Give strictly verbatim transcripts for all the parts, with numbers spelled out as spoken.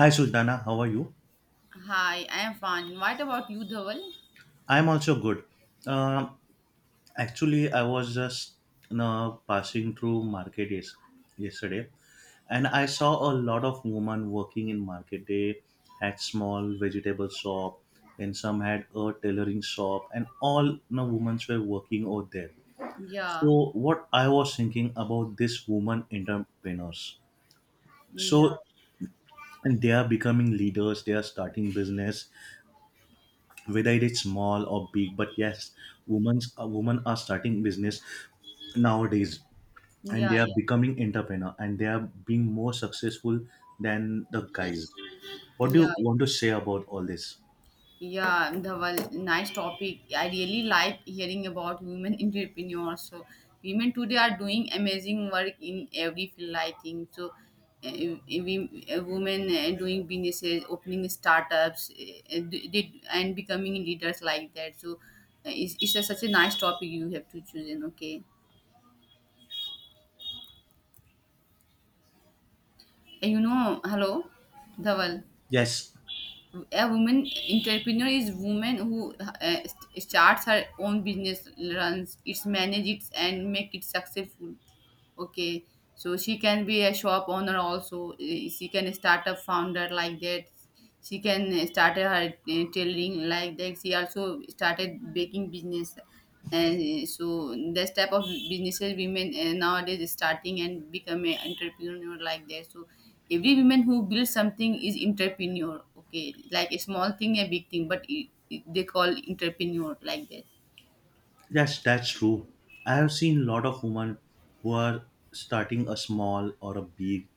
Hi Sultana, how are you? Hi, I am fine. What about you, Dhaval? I'm also good. Um, Actually, I was just you know, passing through market, yes, yesterday, and I saw a lot of women working in market. They had small vegetable shop, then some had a tailoring shop, and all you know, women were working over there. Yeah, So, what I was thinking about this woman entrepreneurs. yeah, So, and they are becoming leaders. They are starting business whether it is small or big, but yes, women's uh, women are starting business nowadays, and yeah, they are yeah, becoming entrepreneur and they are being more successful than the guys. What do yeah, you want to say about all this? yeah, Dhaval. Nice topic. I really like hearing about women entrepreneurs. So, women today are doing amazing work in every field, I think. So, uh, we, uh, women uh, doing businesses, opening startups, uh, did, and becoming leaders like that. So, uh, it's, it's a, such a nice topic you have to choose. And okay, and you know, hello, Dhaval. Yes, A woman entrepreneur is woman who uh, starts her own business, runs its, manage it, and make it successful. Okay, so she can be a shop owner also. eh, She can start a founder like that. She can eh, start her eh, tailoring like that. She also started baking business, and eh, so this type of businesses women eh, nowadays is starting and become an entrepreneur like that. So every woman who builds something is entrepreneur. Okay, like a small thing, a big thing, but it, it- they call entrepreneur like that. yes, that's true. I have seen a lot of women who are starting a small or a big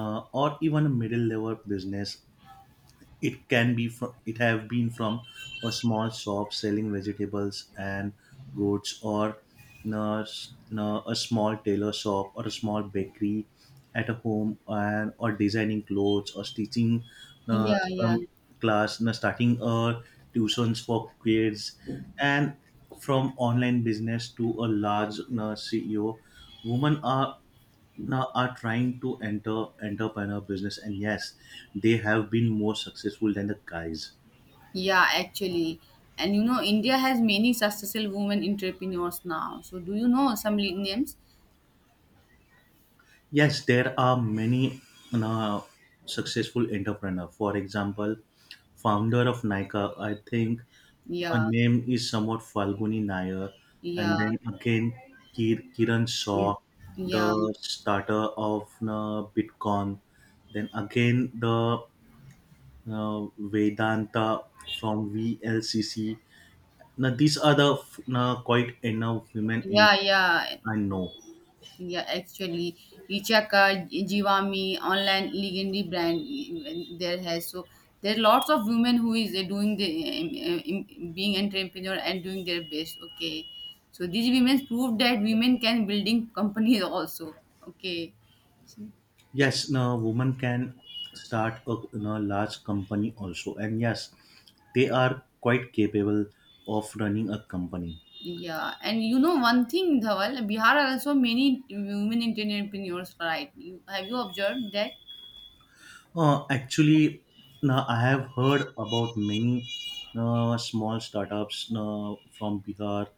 uh, or even a middle level business. It can be from, it have been from a small shop selling vegetables and goods, or na- na- a small tailor shop or a small bakery at a home, and or designing clothes or teaching uh, Yeah, yeah. some class, na, starting uh, tuitions for kids, and from online business to a large, na, C E O. Women are now are trying to enter entrepreneur business, and yes, they have been more successful than the guys. Yeah, actually. And you know, India has many successful women entrepreneurs now. So do you know some li- names? Yes, there are many you know, successful entrepreneur. For example, founder of Nika, I think. Her Yeah, name is somewhat Falguni Nair, and yeah, then again Kir- Kiran mm, Shaw, yeah, the starter of uh, Bitcoin. Then again the uh, Vedanta from V L C C. Now these are the f- now quite enough women in, yeah, yeah, I know. yeah. Actually, Ichaka, Jivami, online legendary brand eh, there has. So there are lots of women who is eh, doing the eh, eh, being entrepreneur and doing their best. Okay, so these women prove that women can building companies also. Okay. So, Yes, now women can start a, you know, large company also, and yes, they are quite capable of running a company. yeah, and you know one thing, Dhawal, Bihar are also many women entrepreneurs, right? You- Have you observed that? Uh, actually, now I have heard about many uh, small startups uh, from Bihar.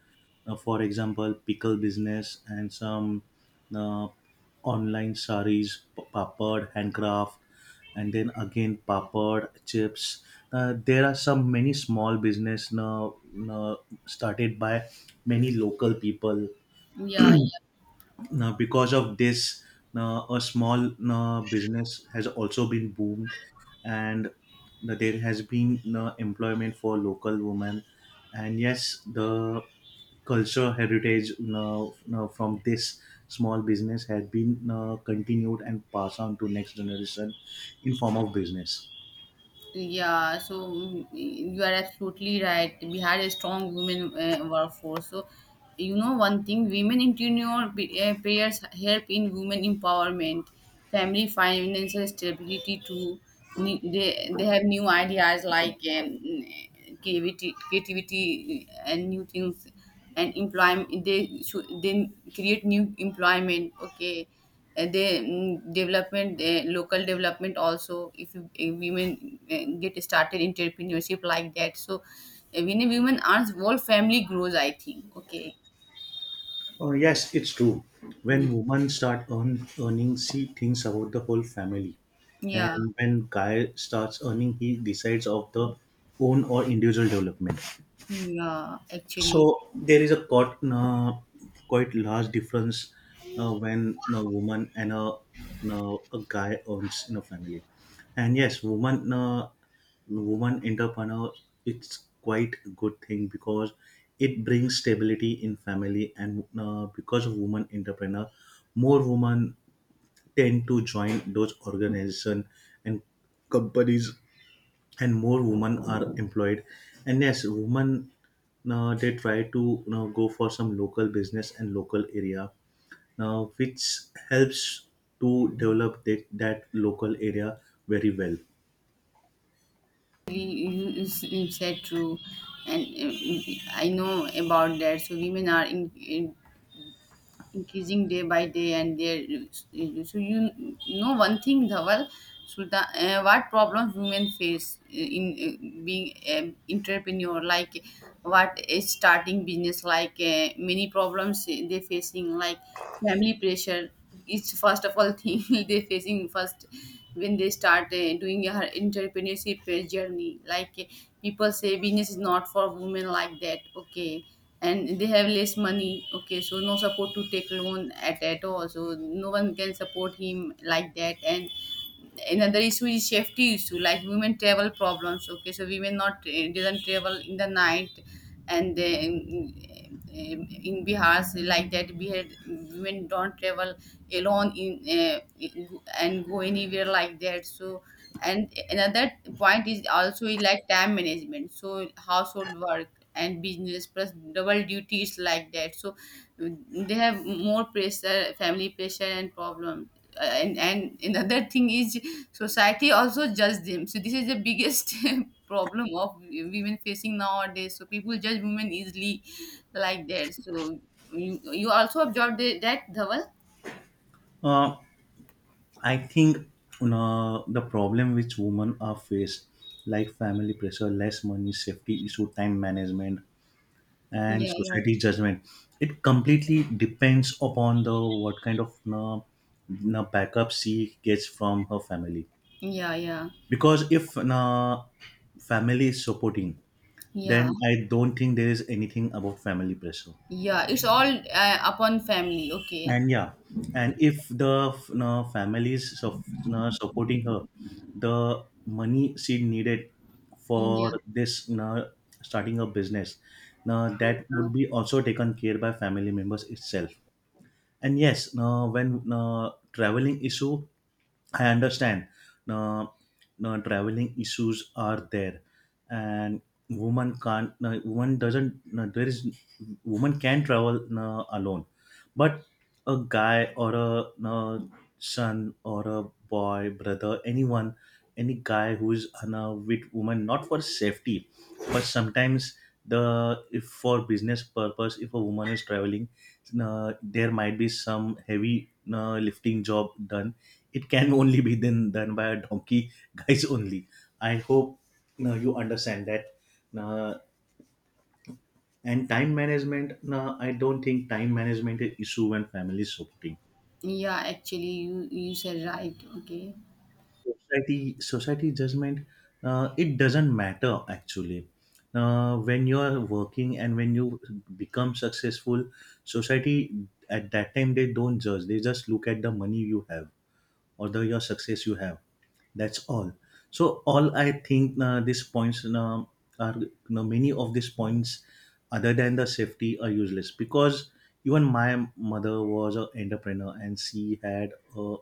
Uh, for example, pickle business and some uh, online saris, p- papad, handcraft, and then again papad, chips. Uh, there are some many small business now, now started by many local people Yeah, yeah. now. Because of this, now a small now business has also been boomed, and now there has been now employment for local women. And yes, the culture heritage now, now from this small business had been now continued and passed on to next generation in form of business. Yeah, so mm, you are absolutely right. We had a strong women uh, workforce. So, you know, one thing women entrepreneur p- uh, payers help in women empowerment, family financial stability too. Ne- They, they have new ideas like um, creativity, creativity and new things and employment. They should they create new employment. Okay, uh, they mm, development uh, local development also if, you- if women uh, get started entrepreneurship like that, so uh, when a woman earns whole family grows, I think. Okay. Uh, yes, it's true. Mm. When women start earn, earning, she thinks about the whole family. Yeah, And when guy starts earning, he decides of the own or individual development. yeah, actually, So there is a quite, uh, quite large difference uh, when a woman and a, uh, a guy earns in a family, and yes, woman uh, woman entrepreneur, it's quite a good thing because it brings stability in family, and uh, because of woman entrepreneur, more women tend to join those organization and companies, and more women are employed. And yes, women now they try to, you know, go for some local business and local area now, which helps to develop that, that local area very well. you you said true. And uh, I know about that, so women are in, in increasing day by day and their, so you know one thing, Dhawal Sultan, uh, what problems women face uh, in uh, being an entrepreneur, like what is starting business, like uh, many problems they facing, like family pressure, it's first of all thing they facing first when they start uh, doing her entrepreneurship uh, journey, like uh, people say business is not for women like that, okay. And they have less money, okay, so no support to take loan at at all, so no one can support him like that. And another issue is safety issue, like women travel problems, okay, so women not uh, doesn't travel in the night. And uh, in, in Bihar, so like that we had women don't travel alone in uh, and go anywhere like that. So and another point is also is like time management, so household work and business plus double duties like that, so they have more pressure, family pressure and problem. Uh, and and another thing is society also judge them, so this is the biggest problem of women facing nowadays, so people judge women easily like that. So you, you also observed the, that, Dhaval. uh, I think, you know, the problem which women are faced, like family pressure, less money, safety issue, time management, and Yeah, yeah, society's judgment, it completely depends upon the what kind of, na, na, backup she gets from her family. yeah, yeah, Because if, na, family is supporting, yeah, then I don't think there is anything about family pressure. yeah, it's all uh, upon family, okay. And yeah, and if the, na, family is su- na supporting her, the money she needed for Yeah, this, na, starting a business, now that yeah, would be also taken care by family members itself. And yes, uh, when uh, traveling issue, I understand. Uh, uh, Traveling issues are there, and woman can't. Uh, woman doesn't. Uh, there is, woman can travel uh, alone, but a guy or a uh, son or a boy, brother, anyone, any guy who is on a with woman, not for safety, but sometimes the, if for business purpose, if a woman is traveling, uh, there might be some heavy uh, lifting job done. It can only be then done by a donkey guys only. I hope uh, you understand that. uh, and time management, uh, I don't think time management is issue when family is supporting. yeah, actually, you you said right, okay. Society, society judgment, uh, it doesn't matter actually, uh, when you are working and when you become successful, society at that time, they don't judge. They just look at the money you have or the your success you have. That's all. So all I think uh, these points uh, are, you know, many of these points other than the safety are useless, because even my mother was an entrepreneur and she had a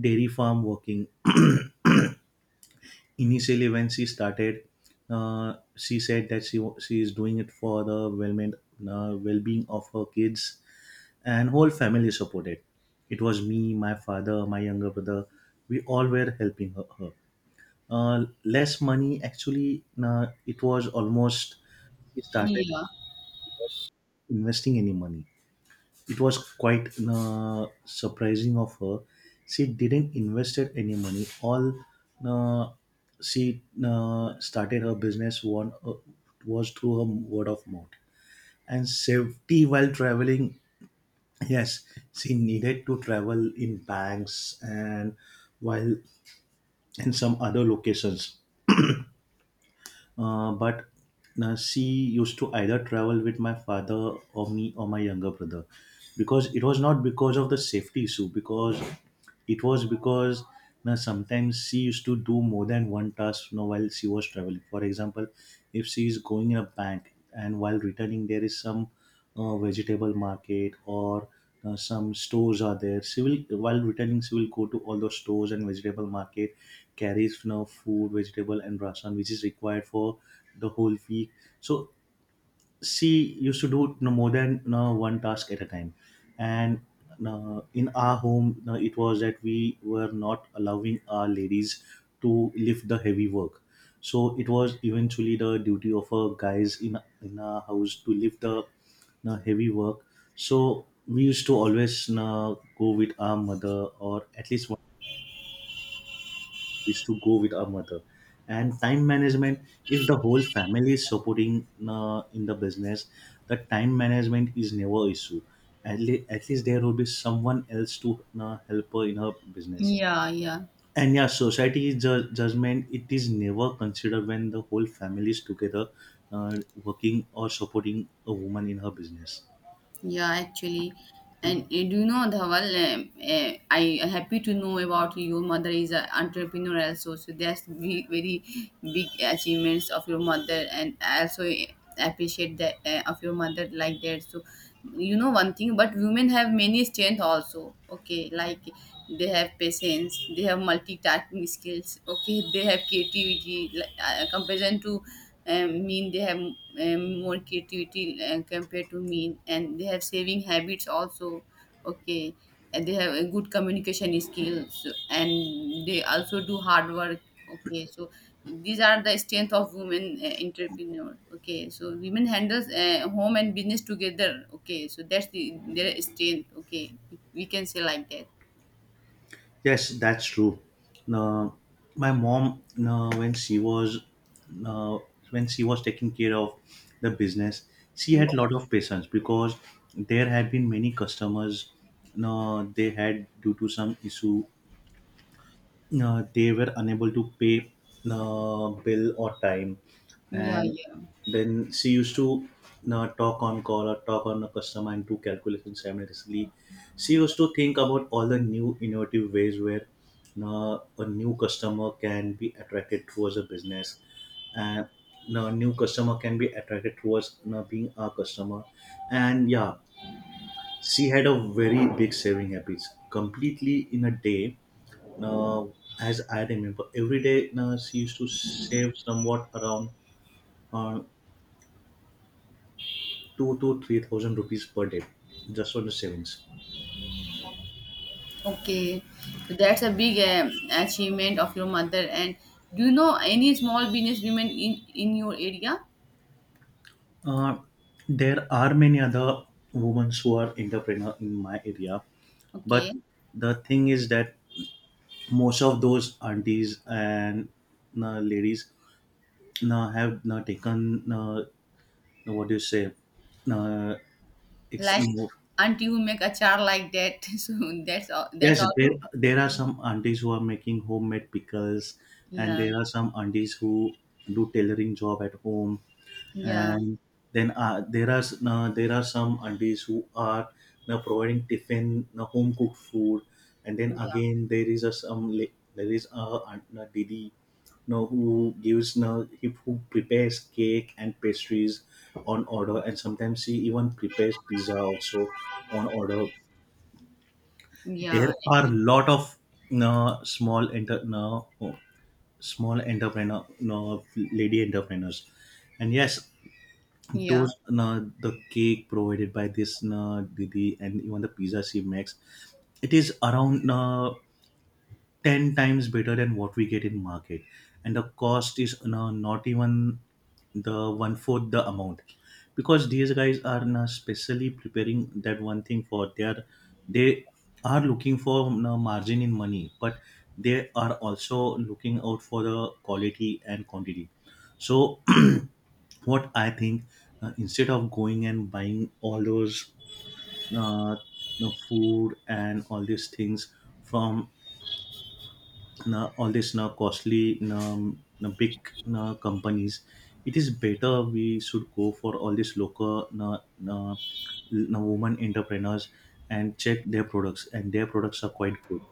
dairy farm working. Initially when she started, uh, she said that she wa- she is doing it for the well-being uh, well-being of her kids, and whole family supported. It was me, my father, my younger brother. We all were helping her, her. Uh, less money actually, uh, it was almost, she started Yeah, investing any money, it was quite uh, surprising of her. She didn't invested any money. All uh, she uh, started her business one, uh, was through her word of mouth. And safety while traveling. Yes, she needed to travel in banks and while in some other locations. Uh, but uh, she used to either travel with my father or me or my younger brother, because it was not because of the safety issue, because it was because now sometimes she used to do more than one task, you know, while she was traveling. For example, if she is going in a bank and while returning there is some uh, vegetable market or uh, some stores are there. Civil while returning, she will go to all those stores and vegetable market, carries, you know, food, vegetable, and rasan, which is required for the whole week. So she used to do no more than no one task at a time, and no, in our home, no, it was that we were not allowing our ladies to lift the heavy work. So it was eventually the duty of our guys in in our house to lift the no heavy work. So we used to always no go with our mother, or at least is to go with our mother. And time management, if the whole family is supporting uh, in the business, the time management is never issue. At, le- at least there will be someone else to uh, help her in her business. yeah, yeah. And yeah, society ju- judgment, it is never considered when the whole family is together, uh, working or supporting a woman in her business. Yeah, actually, and uh, do you know, Dhawal? Um, uh, I happy to know about your mother is an entrepreneur also. So that's ve- very big achievements of your mother, and I also eh, appreciate that uh, of your mother like that. So you know one thing, but women have many strength also. Okay, like they have patience, they have multitasking skills. Okay, they have creativity. Like, uh, comparison to um, mean they have um, more creativity uh, compared to me, and they have saving habits also, okay. And they have a good communication skills, and they also do hard work, okay. So these are the strength of women uh, entrepreneur, okay. So women handles uh, home and business together, okay, so that's the, their strength, okay, we can say like that. Yes, that's true. Now, my mom, now, when she was now, when she was taking care of the business, she had a lot of patience because there had been many customers. Now, they had due to some issue uh, they were unable to pay uh, bill or time, Yeah, and yeah. then she used to uh, talk on call or talk on a customer and do calculations simultaneously. She used to think about all the new innovative ways where uh, a new customer can be attracted towards a business, and a new customer can be attracted towards uh, being our customer. And yeah, she had a very big saving habits completely in a day. uh, as I remember, every day uh, she used to save somewhat around uh, two to three thousand rupees per day, just on the savings. Okay, so that's a big um, achievement of your mother. And do you know any small business women in in your area? Uh, there are many other women who are entrepreneur in my area, but Okay, the thing is that most of those aunties and uh, ladies uh, have uh, taken uh, what do you say, uh, ex- like auntie who make achar like that. So that's all. That's Yes, there also. there are some aunties who are making homemade pickles, and Yeah, there are some aunties who do tailoring job at home, yeah, and then uh, there are s- uh, there are some aunties who are now providing tiffin, uh, home cooked food, and then yeah, again there is a some la- there is a, aunt, a didi, know, who gives now, who prepares cake and pastries on order, and sometimes she even prepares pizza also on order. There yeah. are a Actually, lot of uh, small enter no, oh, small entrepreneur no, lady entrepreneurs, and yes, yeah. those no, the cake provided by this no, didi, and even the pizza she makes, it is around no, ten times better than what we get in market, and the cost is you not even the one fourth the amount, because these guys are now specially preparing that one thing for their, they are looking for you margin in money, but they are also looking out for the quality and quantity. So what I think, uh, instead of going and buying all those uh, you know, food and all these things from, na, all this, na, costly, na, na big, na companies, it is better we should go for all these local, na, na, na woman entrepreneurs and check their products, and their products are quite good.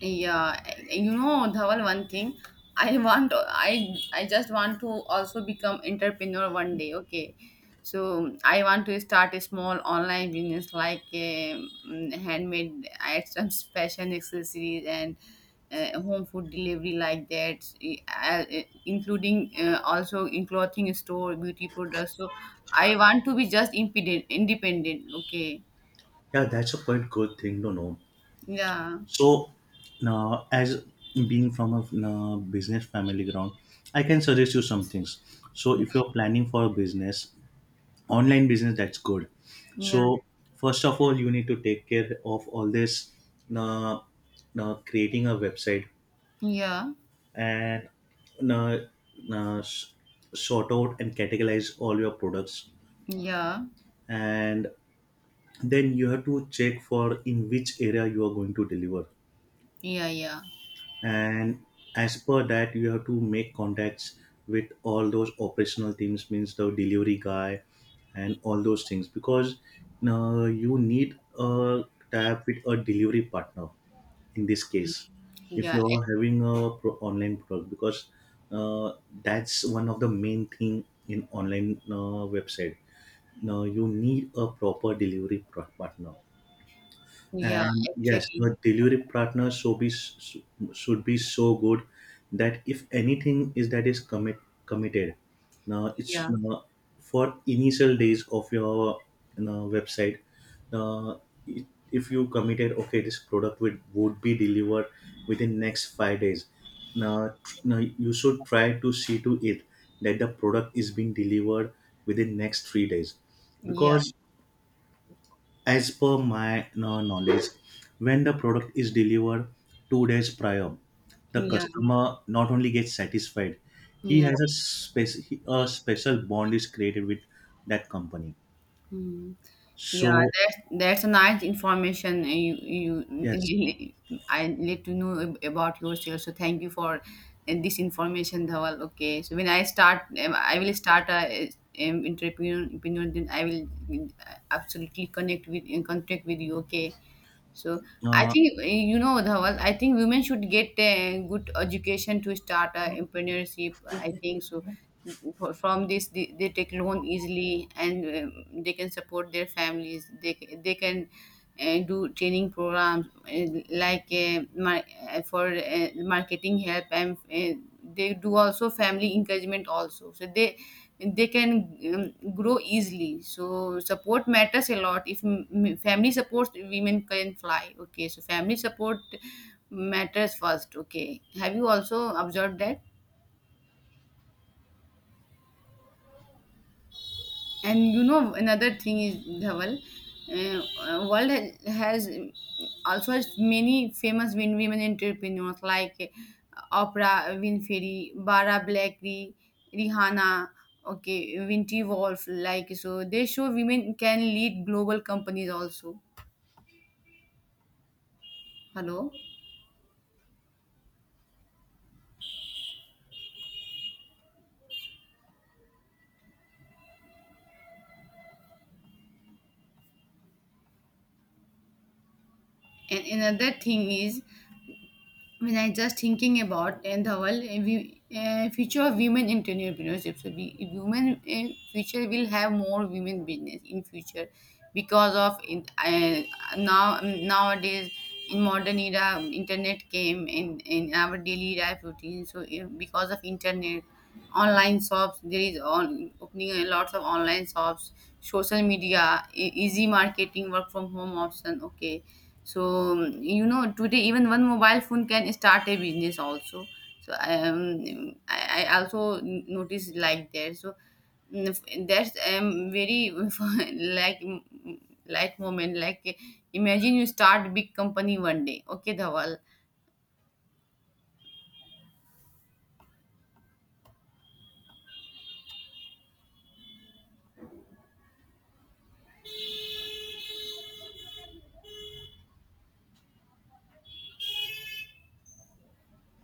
Yeah, you know, Dhawal, one thing, I want, I I just want to also become entrepreneur one day. Okay, so I want to start a small online business like um, handmade items, fashion accessories, and uh, home food delivery like that, e, uh, uh, including uh, also in clothing store, beauty products. So I want to be just independent, independent. Okay, Yeah, that's a quite good thing to know. yeah, So now, as being from a, na, business family ground, I can suggest you some things. So if you're planning for a business, online business, that's good. yeah, So first of all, you need to take care of all this, uh, uh, creating a website, yeah, and uh, uh, s- sort out and categorize all your products, yeah. and then you have to check for in which area you are going to deliver, Yeah, yeah, and as per that you have to make contacts with all those operational teams, means the delivery guy and all those things, because uh, you need a tab with a delivery partner in this case, if yeah, you're ac- having a pro- online product, because uh, that's one of the main thing in online uh, website. Now you need a proper delivery pro- partner. yeah, And yes, actually, the delivery partner so be, should be so good that if anything is that is commit committed, now it's yeah, uh, for initial days of your, you know, website. Uh, it- if you committed, okay, this product would, would be delivered within next five days. Now, tr- now you should try to see to it that the product is being delivered within next three days, yeah, because as per my uh, knowledge, when the product is delivered two days prior, the yeah, customer not only gets satisfied, he yeah, has a, spec- a special bond is created with that company. mm. Yeah, So that's that's a nice information uh, you you yes, really- I need to know ab- about yourself. So thank you for uh, this information, Dhawal. Okay, so when I start, um, I will start a um, entrepreneur, entrepreneur. Then I will uh, absolutely connect with in contact with you. Okay. So I uh, think uh, you know, Dhawal. I think women should get a good education to start a entrepreneurship, I think so. For- From this, they, they take loan easily, and um, they can support their families. They ca- they can uh, do training programs uh, like uh, mar- uh, for uh, marketing help, and uh, they do also family encouragement also. So they they can um, grow easily, so support matters a lot. If m- m- family supports, women can fly, okay. So family support matters first, okay. Have you also observed that? And you know another thing is, Dhaval, uh, uh, world ha- has um, also has many famous win- women entrepreneurs, like uh, Oprah Winfrey, Bara Blackley, Rihanna, okay, Winty Wolf. Like, so they show women can lead global companies also. Hello. And another thing is, when I just thinking about and the whole uh, we, uh, future of women entrepreneurship, so we women in future will have more women business in future because of in, uh, now nowadays in modern era internet came in in our daily life routine. So uh, because of internet, online shops, there is on opening a lots of online shops, social media, e- easy marketing, work from home option. Okay, so um, you know today even one mobile phone can start a business also. So um, I, I also noticed like that. So mm, f- that's um, very like mm, like moment like imagine you start big company one day, okay, Dhawal.